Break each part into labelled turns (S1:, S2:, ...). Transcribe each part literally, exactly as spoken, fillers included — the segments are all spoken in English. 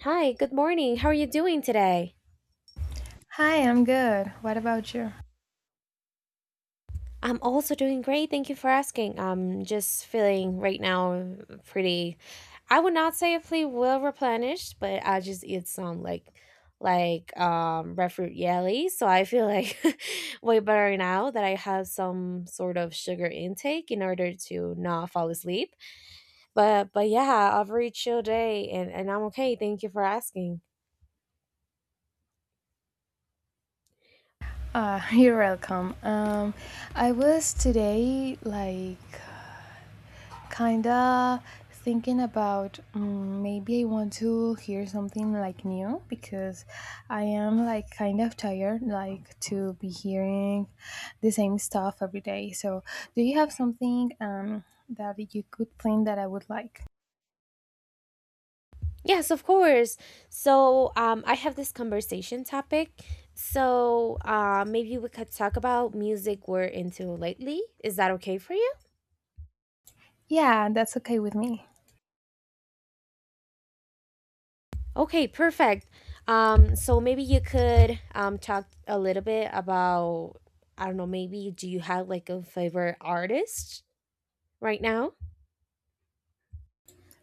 S1: Hi, good morning. How are you doing today?
S2: Hi, I'm good. What about you?
S1: I'm also doing great. Thank you for asking. I'm just feeling right now pretty. I would not say if we well replenished, but I just eat some like like um red fruit jelly, so I feel like way better now that I have some sort of sugar intake in order to not fall asleep. But but yeah, I've reached your day and and I'm okay. Thank you for asking.
S2: Ah, you're welcome. Um, I was today like kinda thinking about mm maybe I want to hear something like new because I am like kind of tired like to be hearing the same stuff every day. So, do you have something um that you could plan that I would like?
S1: Yes, of course. So, um, I have this conversation topic. So, uh, maybe we could talk about music we're into lately. Is that okay for you?
S2: Yeah, that's okay with me.
S1: Okay, perfect. Um, so maybe you could um talk a little bit about I don't know, maybe do you have like a favorite artist right now?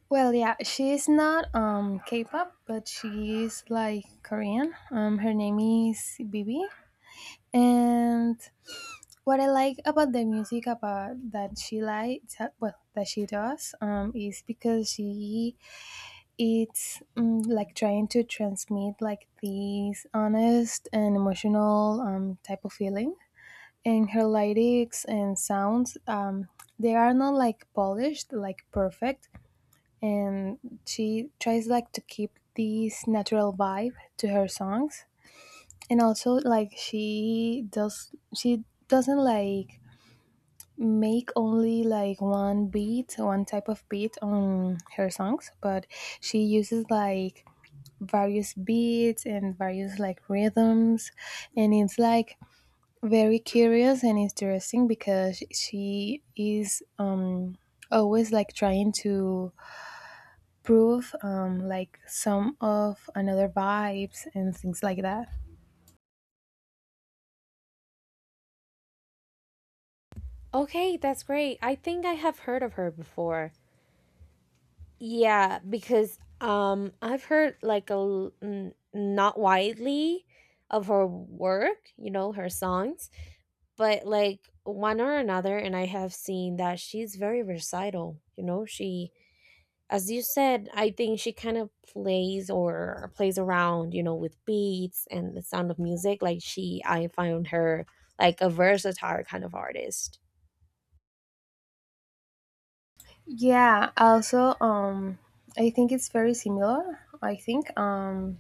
S2: Well, yeah, she's not um K-pop, but she is like Korean. Um, her name is Bibi, and what I like about the music about that she likes, uh, well, that she does, um, is because she it's um, like trying to transmit like these honest and emotional um type of feeling, and her lyrics and sounds um they are not like polished, like perfect, and she tries like to keep this natural vibe to her songs, and also like she does she doesn't like make only like one beat one type of beat on her songs, but she uses like various beats and various like rhythms, and it's like very curious and interesting because she is um always like trying to prove um, like some of another vibes and things like that.
S1: Okay, that's great. I think I have heard of her before. Yeah, because um I've heard like a l- n- not widely of her work, you know, her songs, but like one or another, and I have seen that she's very recital, you know, she, as you said, I think she kind of plays or plays around, you know, with beats and the sound of music. Like, she I found her like a versatile kind of artist.
S2: Yeah, also um I think it's very similar. I think um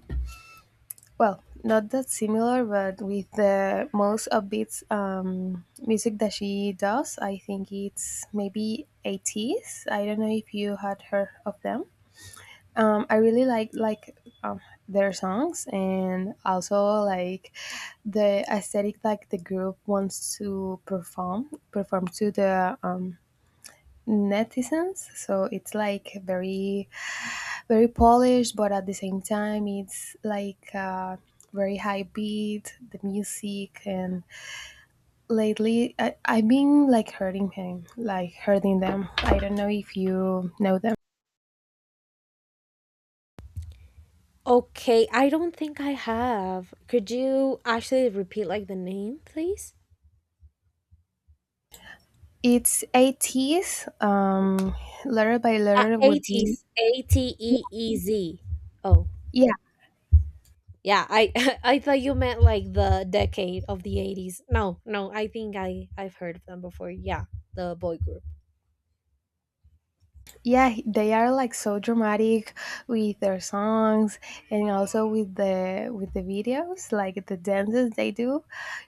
S2: well, not that similar, but with the most upbeats um music that she does, I think it's maybe eighties. I don't know if you had heard of them. Um, I really like like um, their songs, and also like the aesthetic like the group wants to perform perform to the um, netizens. So it's like very, very polished, but at the same time it's like, Uh, very high beat the music. And lately I, I've been like hurting him like hurting them. I don't know if you know them.
S1: Okay, I don't think I have. Could you actually repeat like the name, please?
S2: It's eighties, um, letter by
S1: Uh,
S2: letter would
S1: ateez,
S2: be.
S1: A T
S2: Yeah,
S1: E E Z. Oh,
S2: yeah,
S1: yeah. I I thought you meant like the decade of the eighties. No, no. I think I I've heard of them before. Yeah, the boy group.
S2: yeah, they are like so dramatic with their songs and also with the with the videos, like the dances they do.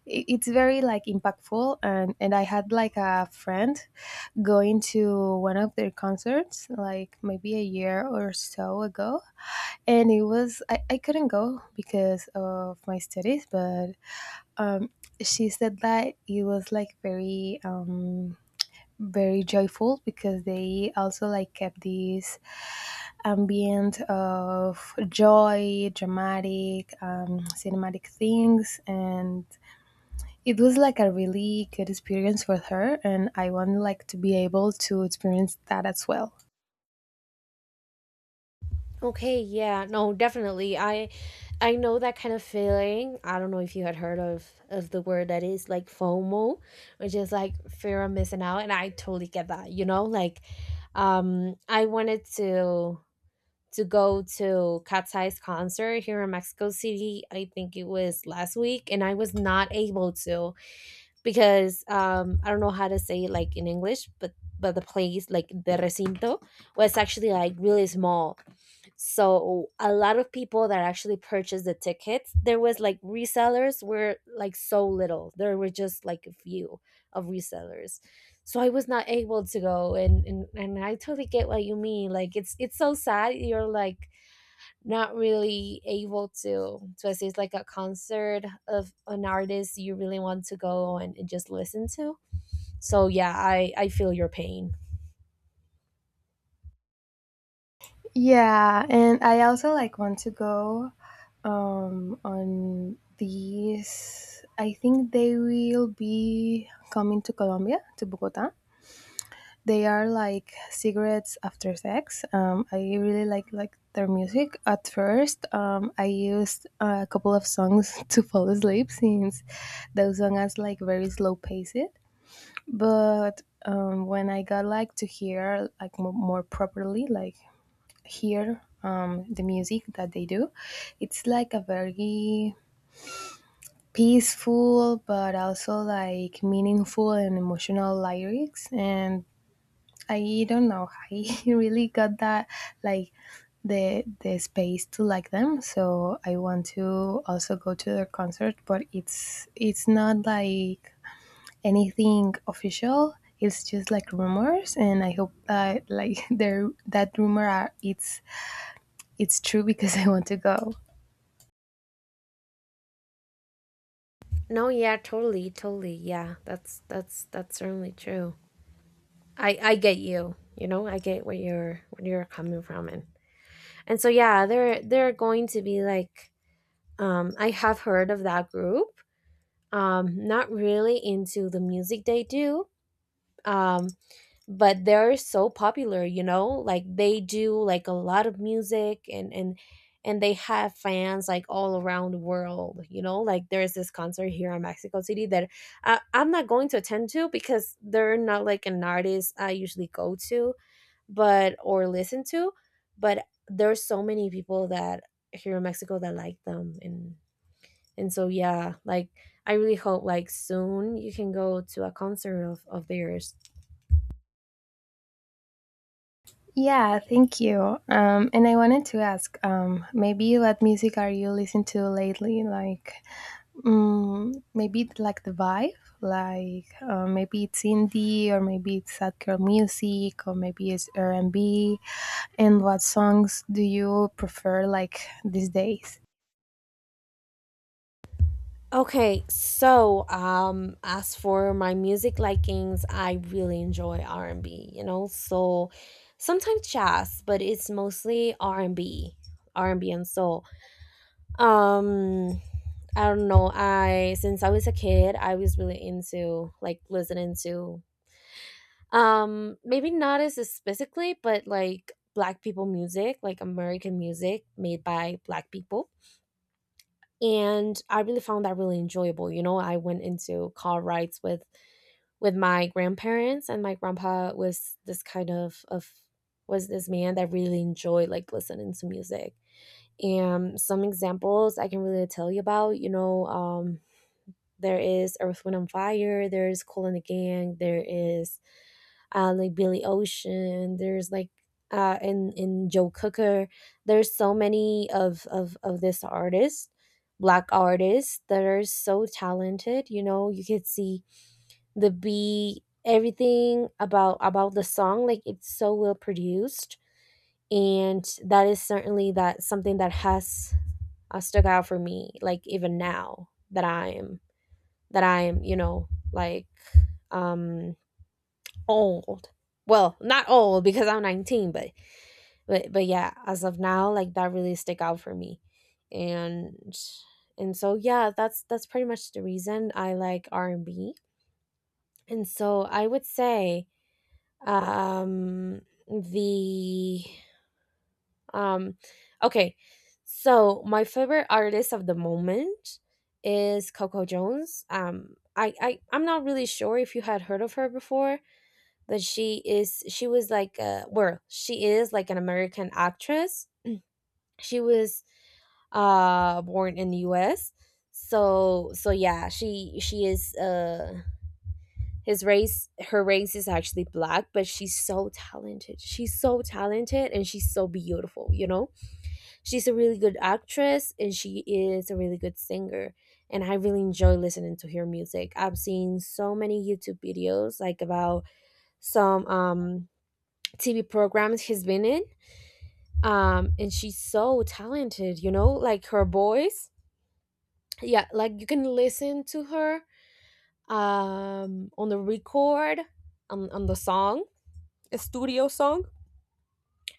S2: I- It's very like impactful, and and I had like a friend going to one of their concerts like maybe a year or so ago, and it was, I, I couldn't go because of my studies, but um, she said that it was like very um, very joyful because they also like kept this ambient of joy, dramatic, um, cinematic things, and it was like a really good experience for her, and I want like to be able to experience that as well.
S1: Okay, yeah. No, definitely. I I know that kind of feeling. I don't know if you had heard of of the word that is like FOMO, which is like fear of missing out, and I totally get that. You know, like um I wanted to to go to Cat's Eye's concert here in Mexico City. I think it was last week, and I was not able to because um I don't know how to say it like in English, but but the place, like the recinto, was actually like really small. So a lot of people that actually purchased the tickets, there was like resellers were like so little. There were just like a few of resellers. So I was not able to go and and, and I totally get what you mean. Like, it's it's so sad. You're like not really able to to assist like a concert of an artist you really want to go and, and just listen to. So yeah, i i feel your pain.
S2: Yeah, and I also like want to go um, on these. I think they will be coming to Colombia, to Bogota. They are like Cigarettes After Sex. Um, I really like like their music. At first, um, I used a couple of songs to fall asleep since those songs has like very slow paced. But um, when I got like to hear like mo- more properly, like hear um, the music that they do. It's like a very peaceful but also like meaningful and emotional lyrics, and I don't know, I really got that like the the space to like them, so I want to also go to their concert, but it's it's not like anything official, it's just like rumors, and I hope that like there that rumor are, it's it's true because I want to go.
S1: No, yeah, totally, totally yeah, that's that's that's certainly true. I i get you, you know, I get where you're where you're coming from, and and so yeah, there there are going to be like, um I have heard of that group. Um not really into the music they do. um but they're so popular, you know, like they do like a lot of music, and and and they have fans like all around the world, you know, like there's this concert here in Mexico City that I, i'm not going to attend to because they're not like an artist I usually go to, but or listen to. But there's so many people that here in Mexico that like them, and and so yeah, like I really hope like soon you can go to a concert of, of theirs.
S2: Yeah, thank you. Um, and I wanted to ask, um, maybe what music are you listening to lately? Like, mm, maybe it's like the vibe, like uh, maybe it's indie, or maybe it's sad girl music, or maybe it's R and B. And what songs do you prefer, like these days?
S1: Okay, so um as for my music likings, I really enjoy R and B, you know. So sometimes jazz, but it's mostly R and B, R and B and soul. Um I don't know. I Since I was a kid, I was really into like listening to, um maybe not as specifically, but like black people music, like American music made by black people, and I really found that really enjoyable. You know, I went into car rides with with my grandparents, and my grandpa was this kind of of was this man that really enjoyed like listening to music. And some examples I can really tell you about, you know, um, there is Earth, Wind, and Fire. There is Cool and the Gang. There is uh, like, Billy Ocean. There's like, uh, in in Joe Cooker. There's so many of of of this artist, black artists that are so talented. You know, you could see the beat, everything about about the song. Like, it's so well produced, and that is certainly that something that has, uh, stuck out for me. Like, even now that I am that I am, you know, like um old. Well, not old because I'm nineteen, but but but yeah, as of now, like that really stick out for me. And and so yeah, that's that's pretty much the reason I like R and B. And B. And so I would say, um the um okay. So my favorite artist of the moment is Coco Jones. Um I, I I'm not really sure if you had heard of her before. But she is she was like, uh well, she is like an American actress. She was, uh born in the US. So so yeah, she she is, uh his race her race is actually black, but she's so talented, she's so talented, and she's so beautiful, you know. She's a really good actress, and she is a really good singer, and I really enjoy listening to her music. I've seen so many YouTube videos like about some um T V programs she's been in. Um, and she's so talented, you know, like her voice. Yeah, like you can listen to her, um, on the record, on, on, the song, a studio song.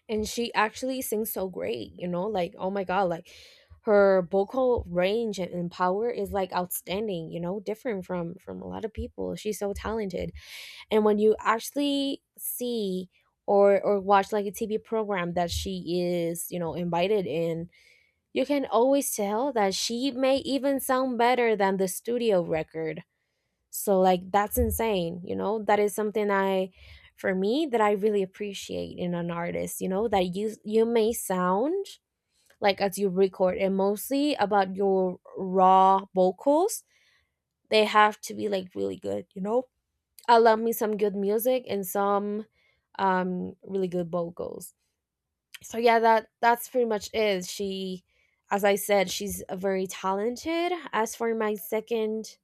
S1: And she actually sings so great, you know, like, oh my God, like her vocal range and and power is like outstanding, you know, different from from a lot of people. She's so talented. And when you actually see or or watch like a TV program that she is, you know, invited in, you can always tell that she may even sound better than the studio record. So like, that's insane, you know. That is something I for me that I really appreciate in an artist, you know, that you, you may sound like as you record, and mostly about your raw vocals, they have to be like really good, you know. I love me some good music and some um really good vocals. So yeah, that that's pretty much it. She, as I said, she's, uh, very talented. As for my second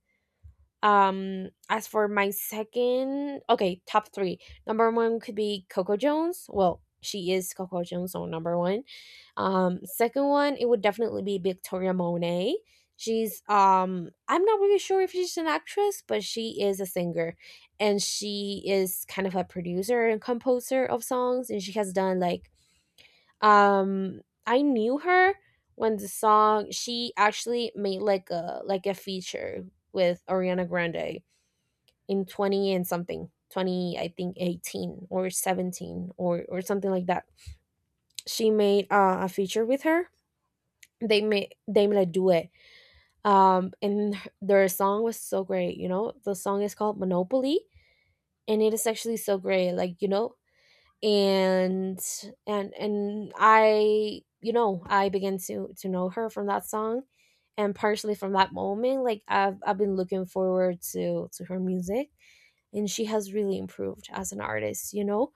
S1: um, As for my second, okay, top three. Number one could be Coco Jones. Well, she is Coco Jones, so number one. Um, second one, it would definitely be Victoria Monet. She's um, I'm not really sure if she's an actress, but she is a singer, and she is kind of a producer and composer of songs, and she has done like, um, I knew her when the song she actually made like a like a feature with Ariana Grande in twenty and something twenty, I think, eighteen or seventeen or or something like that. She made, uh, a feature with her. They made they made a duet, um and their song was so great, you know. The song is called Monopoly, and it is actually so great, like, you know, and and and I, you know, I began to to know her from that song, and partially from that moment, like, i've i've been looking forward to to her music. And she has really improved as an artist, you know.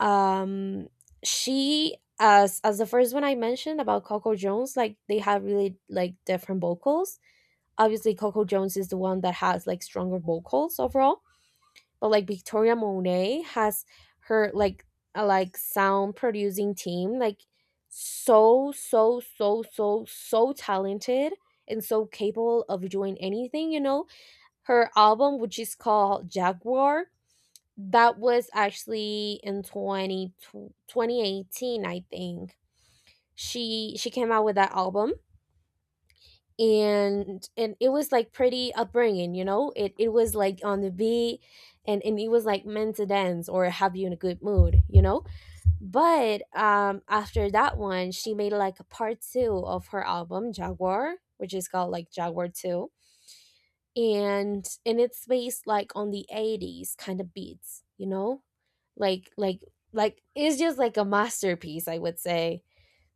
S1: um she, as as the first one I mentioned about Coco Jones, like they have really like different vocals. Obviously, Coco Jones is the one that has like stronger vocals overall, but like Victoria Monet has her, like, a like sound producing team, like so so so so so talented and so capable of doing anything, you know. Her album, which is called Jaguar, that was actually in twenty twenty eighteen, I think. She she came out with that album, and and it was like pretty upbringing, you know? It it was like on the beat, and and it was like meant to dance or have you in a good mood, you know? But um after that one, she made like a part two of her album Jaguar, which is called like Jaguar two, and and it's based like on the eighties kind of beats, you know? Like, like like it's just like a masterpiece, I would say.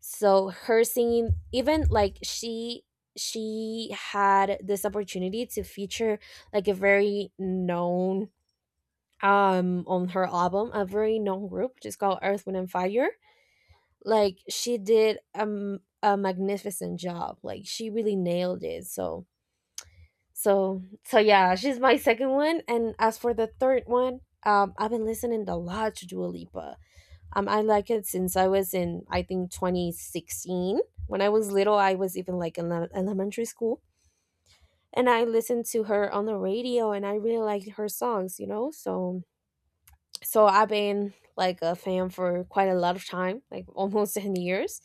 S1: So her singing, even like, she she had this opportunity to feature like a very known um on her album, a very known group just called Earth, Wind, and Fire. Like, she did, um a magnificent job, like she really nailed it. So so so yeah, she's my second one. And as for the third one, um I've been listening a lot to Dua Lipa. um, I like it since I was in, I think, twenty sixteen. When I was little, I was even like in le- elementary school. And I listened to her on the radio and I really liked her songs, you know? So, so I've been like a fan for quite a lot of time, like almost ten years.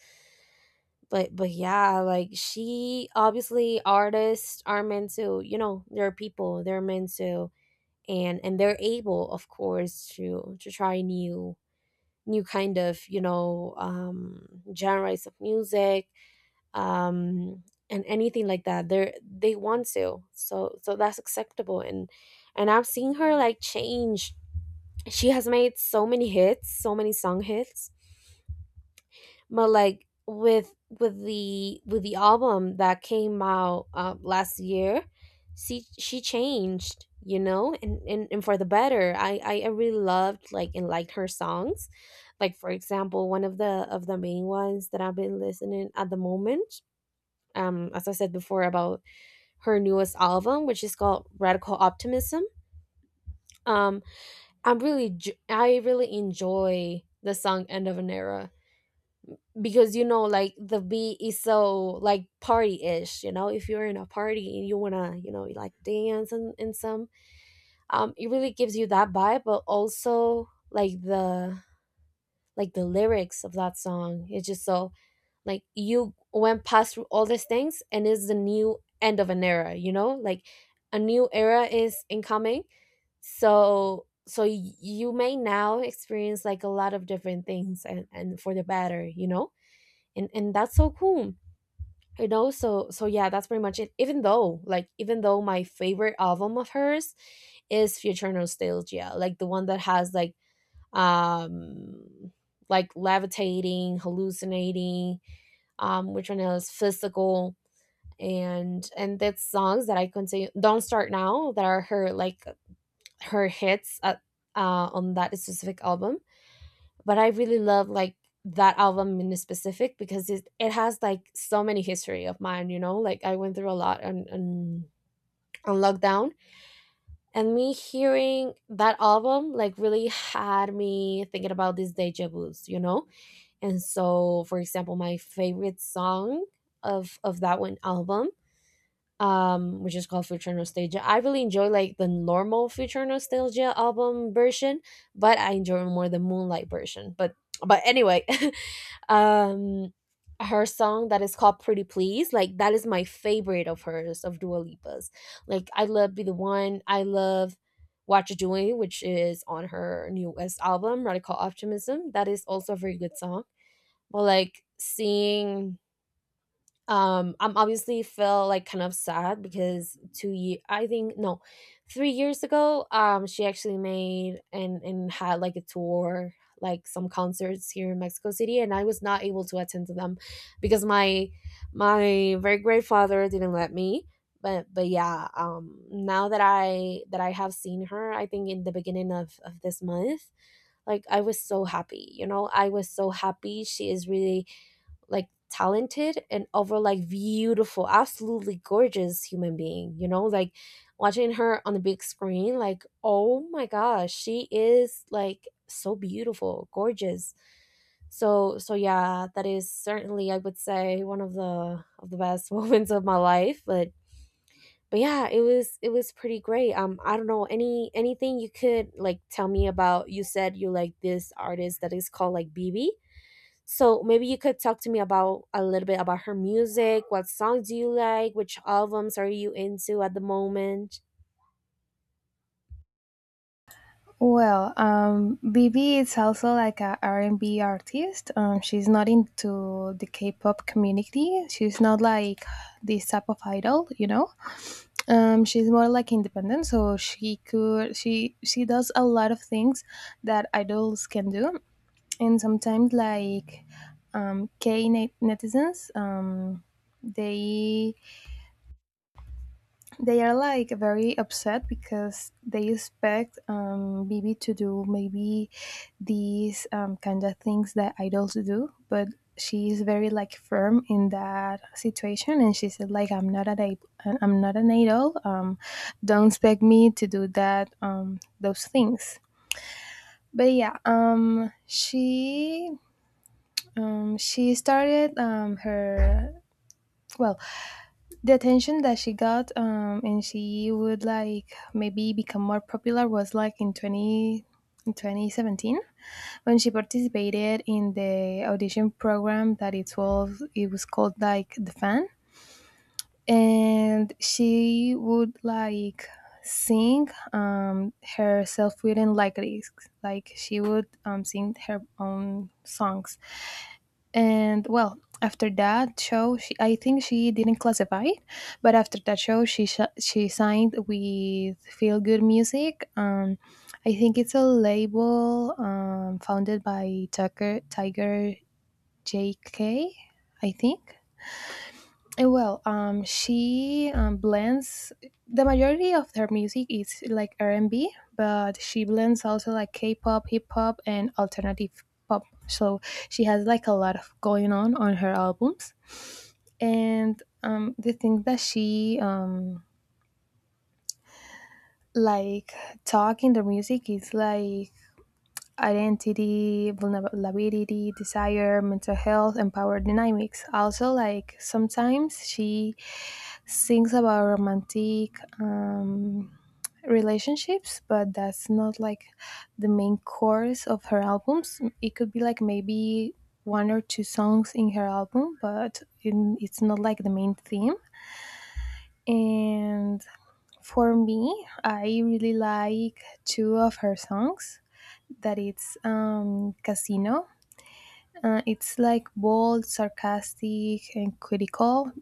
S1: But, but yeah, like she obviously, artists are meant to, you know, they're people, they're meant to, and, and they're able, of course, to, to try new new kind of, you know um, genres of music, um, and anything like that they they want to. So, so that's acceptable. And and I've seen her like change. She has made so many hits, so many song hits. But like with with the with the album that came out uh, last year, she she changed, you know? And, and and for the better, I, I i really loved like and liked her songs. Like, for example, one of the of the main ones that I've been listening at the moment, um as I said before, about her newest album, which is called Radical Optimism. um i'm really j- i really enjoy the song End of an Era, because, you know, like the beat is so, like, party-ish, you know? If you're in a party and you want to, you know, like, dance and, and some, um it really gives you that vibe. But also, like the like the lyrics of that song, it's just so, like, you went past through all these things and it's the new end of an era, you know? Like, a new era is incoming. So, so y- you may now experience like a lot of different things, and and for the better, you know? And and that's so cool, you know? So, so yeah, that's pretty much it. Even though, like, even though my favorite album of hers is Future Nostalgia, like the one that has like, um like Levitating, Hallucinating, um which one else, Physical. And and that's songs that I continue, Don't Start Now, that are her like her hits at, uh on that specific album. But I really love like that album in specific because it, it has like so many history of mine, you know? Like, I went through a lot on, on on lockdown, and me hearing that album like really had me thinking about these deja vu's, you know? And so, for example, my favorite song of of that one album, um, which is called Future Nostalgia. I really enjoy like the normal Future Nostalgia album version, but I enjoy more the Moonlight version. But but anyway, um her song that is called Pretty Please, like, that is my favorite of hers, of Dua Lipa's. Like, I love Be the One, I love What You're Doing, which is on her newest album, Radical Optimism. That is also a very good song. But, like, seeing, um I'm obviously feel like kind of sad because two year, I think, no, three years ago, um she actually made and and had like a tour, like some concerts here in Mexico City, and I was not able to attend to them because my my very great father didn't let me. But but yeah, um now that i that i have seen her, I think in the beginning of of this month, like, I was so happy, you know? I was so happy. She is really like talented and over, like, beautiful, absolutely gorgeous human being, you know? Like, watching her on the big screen, like, oh my gosh, she is like so beautiful, gorgeous. So, so yeah, that is certainly, I would say, one of the of the best moments of my life. But but yeah, it was it was pretty great. Um I don't know, any anything you could like tell me about? You said you like this artist that is called like B B? So, maybe you could talk to me about a little bit about her music. What songs do you like? Which albums are you into at the moment?
S2: Well, um, BB is also like a R and b artist. Um, she's not into the K-pop community. She's not like this type of idol, you know. Um, she's more like independent, so she could she she does a lot of things that idols can do, and sometimes like um, K net- netizens, um, they they are like very upset because they expect um, Bibi to do maybe these um, kind of things that idols do, but she is very like firm in that situation, and she said like I'm not an idol, I'm not an idol. Um, don't expect me to do that um, those things. But yeah, um, she um, she started um, her, well, the attention that she got, um, and she would like maybe become more popular was like in twenty in twenty seventeen when she participated in the audition program that it was it was called like The Fan, and she would like sing um her self-written lyrics, like she would um sing her own songs, and well, after that show, she I think she didn't classify it, but after that show, she sh- she signed with Feel Good Music. Um, I think it's a label um, founded by Tucker Tiger J K, I think. Eh, Well, um, she um, blends the majority of her music is like R and B, but she blends also like K-pop, hip hop, and alternative pop. So she has like a lot of going on on her albums, and um, the thing that she um, like talk in the music is like identity, vulnerability, desire, mental health, and power dynamics. Also, like sometimes she sings about romantic um, relationships, but that's not like the main course of her albums. It could be like maybe one or two songs in her album, but in- it's not like the main theme. And for me, I really like two of her songs. That it's, um, Casino. Uh, it's like bold, sarcastic, and critical,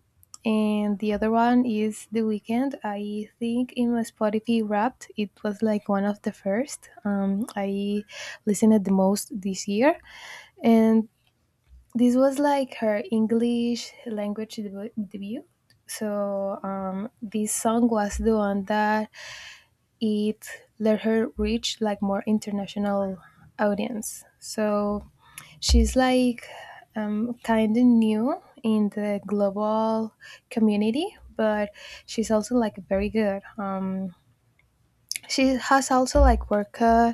S2: and the other one is The Weekend. I think in my Spotify Wrapped, it was like one of the first um, I listened it the most this year, and this was like her English language debu- debut. So um, this song was the one that it let her reach like more international audience. So she's like um, kind of new in the global community, but she's also like very good. Um, she has also like work, uh,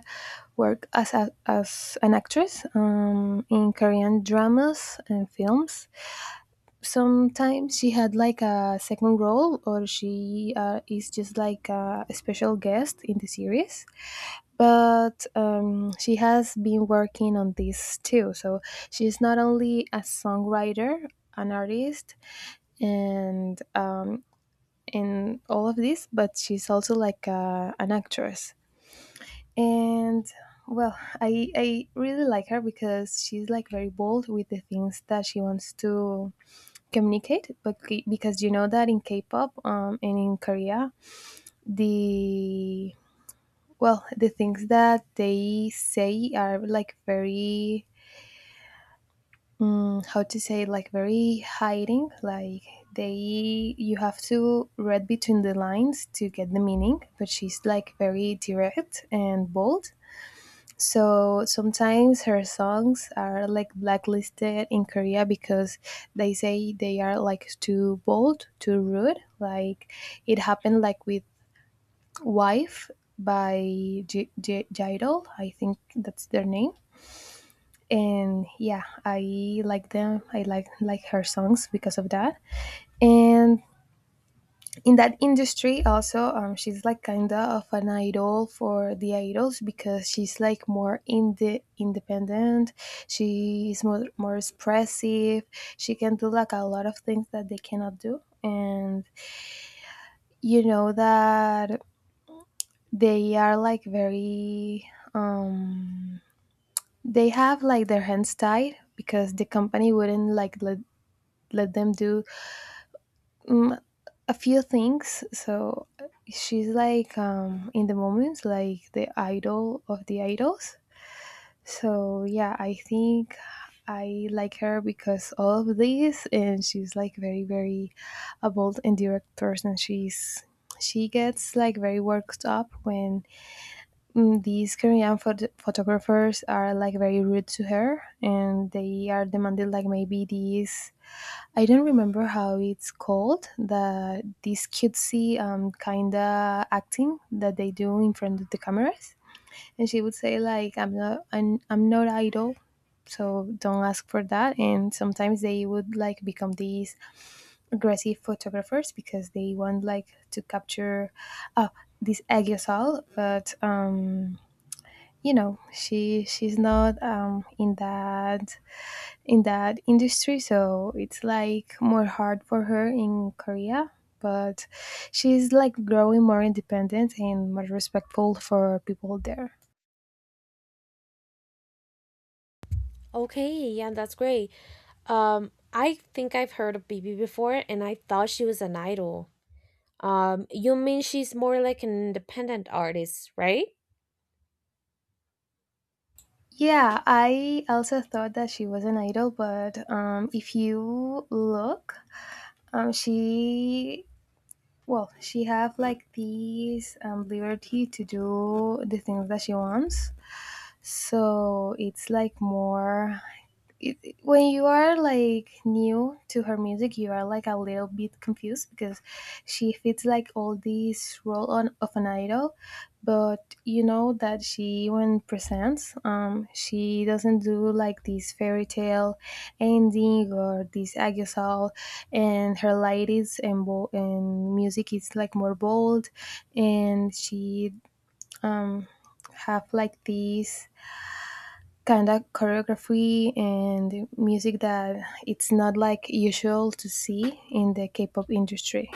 S2: work as a, as an actress um, in Korean dramas and films. Sometimes she had like a second role, or she uh, is just like a special guest in the series, but um, she has been working on this too. So she's not only a songwriter, an artist, and um, in all of this, but she's also like a, an actress. And well, I I really like her because she's like very bold with the things that she wants to communicate. But c- because you know that in K-pop um, and in Korea, the well, the things that they say are like very, mm, how to say, like very hiding. Like they, you have to read between the lines to get the meaning. But she's like very direct and bold. So sometimes her songs are like blacklisted in Korea because they say they are like too bold, too rude. Like it happened like with Wife by J- J- Jidal, I think that's their name. And yeah, I like them. I like like her songs because of that. And in that industry, also, um, she's like kinda of an idol for the idols because she's like more in the independent. She is more more expressive. She can do like a lot of things that they cannot do, and you know that they are like very, um they have like their hands tied because the company wouldn't like let, let them do, mm, a few things. So she's like um, in the moments like the idol of the idols. So yeah, I think I like her because all of this, and she's like very very a bold and direct person. She's she gets like very worked up when, Mm, these Korean phot- photographers are like very rude to her, and they are demanded like maybe these, I don't remember how it's called, the this cutesy um kind of acting that they do in front of the cameras, and she would say like I'm not, I'm, I'm not idol, so don't ask for that. And sometimes they would like become these aggressive photographers because they want like to capture uh, this agasol, but um you know she she's not um, in that, in that industry, so it's like more hard for her in Korea, but she's like growing more independent and more respectful for people there.
S1: Okay, yeah, that's great. Um, I think I've heard of B B before, and I thought she was an idol. Um, you mean she's more like an independent artist, right?
S2: Yeah, I also thought that she was an idol, but um, if you look, um, she well, she have like this um, liberty to do the things that she wants. So it's like more, it, it- when you are like new to her music, you are like a little bit confused because she fits like all these role on of an idol, but you know that she when presents, um, she doesn't do like this fairy tale ending or this agasol, and her light is and bo- and music is like more bold, and she um have like these kind of choreography and music that it's not like usual to see in the K-pop industry.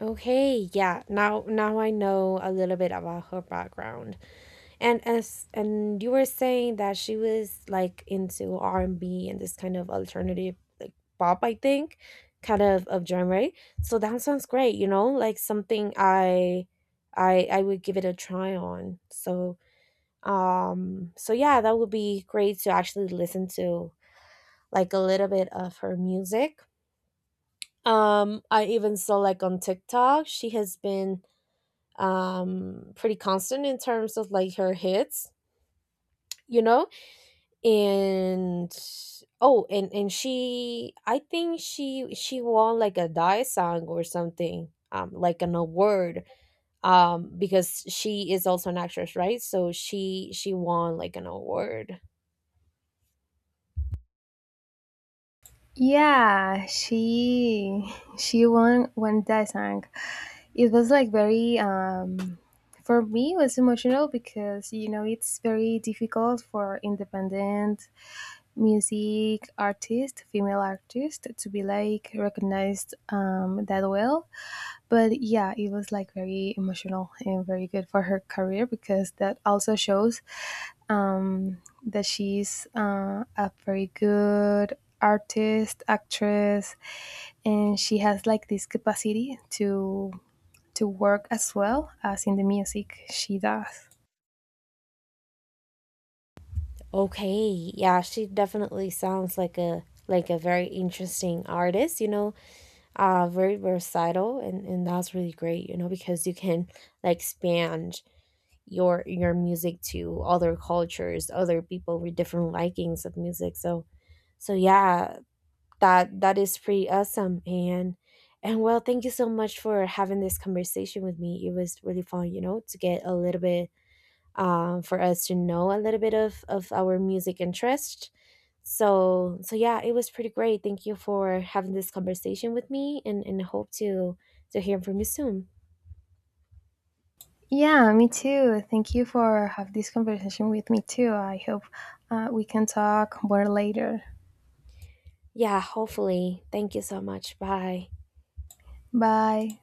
S1: Okay, yeah. Now, now I know a little bit about her background. And as and you were saying that she was like into R and B and this kind of alternative, like, pop, I think, kind of of genre, right? So that sounds great, you know? Like something I I I would give it a try on. So, um so yeah, that would be great to actually listen to like a little bit of her music. Um, I even saw like on TikTok she has been, um pretty constant in terms of like her hits, you know? And Oh, and and she, I think she she won like a daesang or something, um like an award, um because she is also an actress, right? So she she won like an award.
S2: Yeah, she she won when that song. It was like very, um for me it was emotional because you know it's very difficult for independent music artist, female artist to be like recognized um that well. But yeah, it was like very emotional and very good for her career because that also shows um that she's uh, a very good artist, actress, and she has like this capacity to to work as well as in the music she does.
S1: Okay, yeah, she definitely sounds like a, like a very interesting artist, you know? Uh very versatile, and and that's really great, you know? Because you can like span your your music to other cultures, other people with different likings of music. So, so yeah, that that is pretty awesome. And and well, thank you so much for having this conversation with me. It was really fun, you know, to get a little bit, um for us to know a little bit of of our music interest. So, so yeah, it was pretty great. Thank you for having this conversation with me and and hope to to hear from you soon.
S2: Yeah, me too. Thank you for have this conversation with me too. I hope uh, we can talk more later.
S1: Yeah, hopefully. Thank you so much. Bye.
S2: Bye.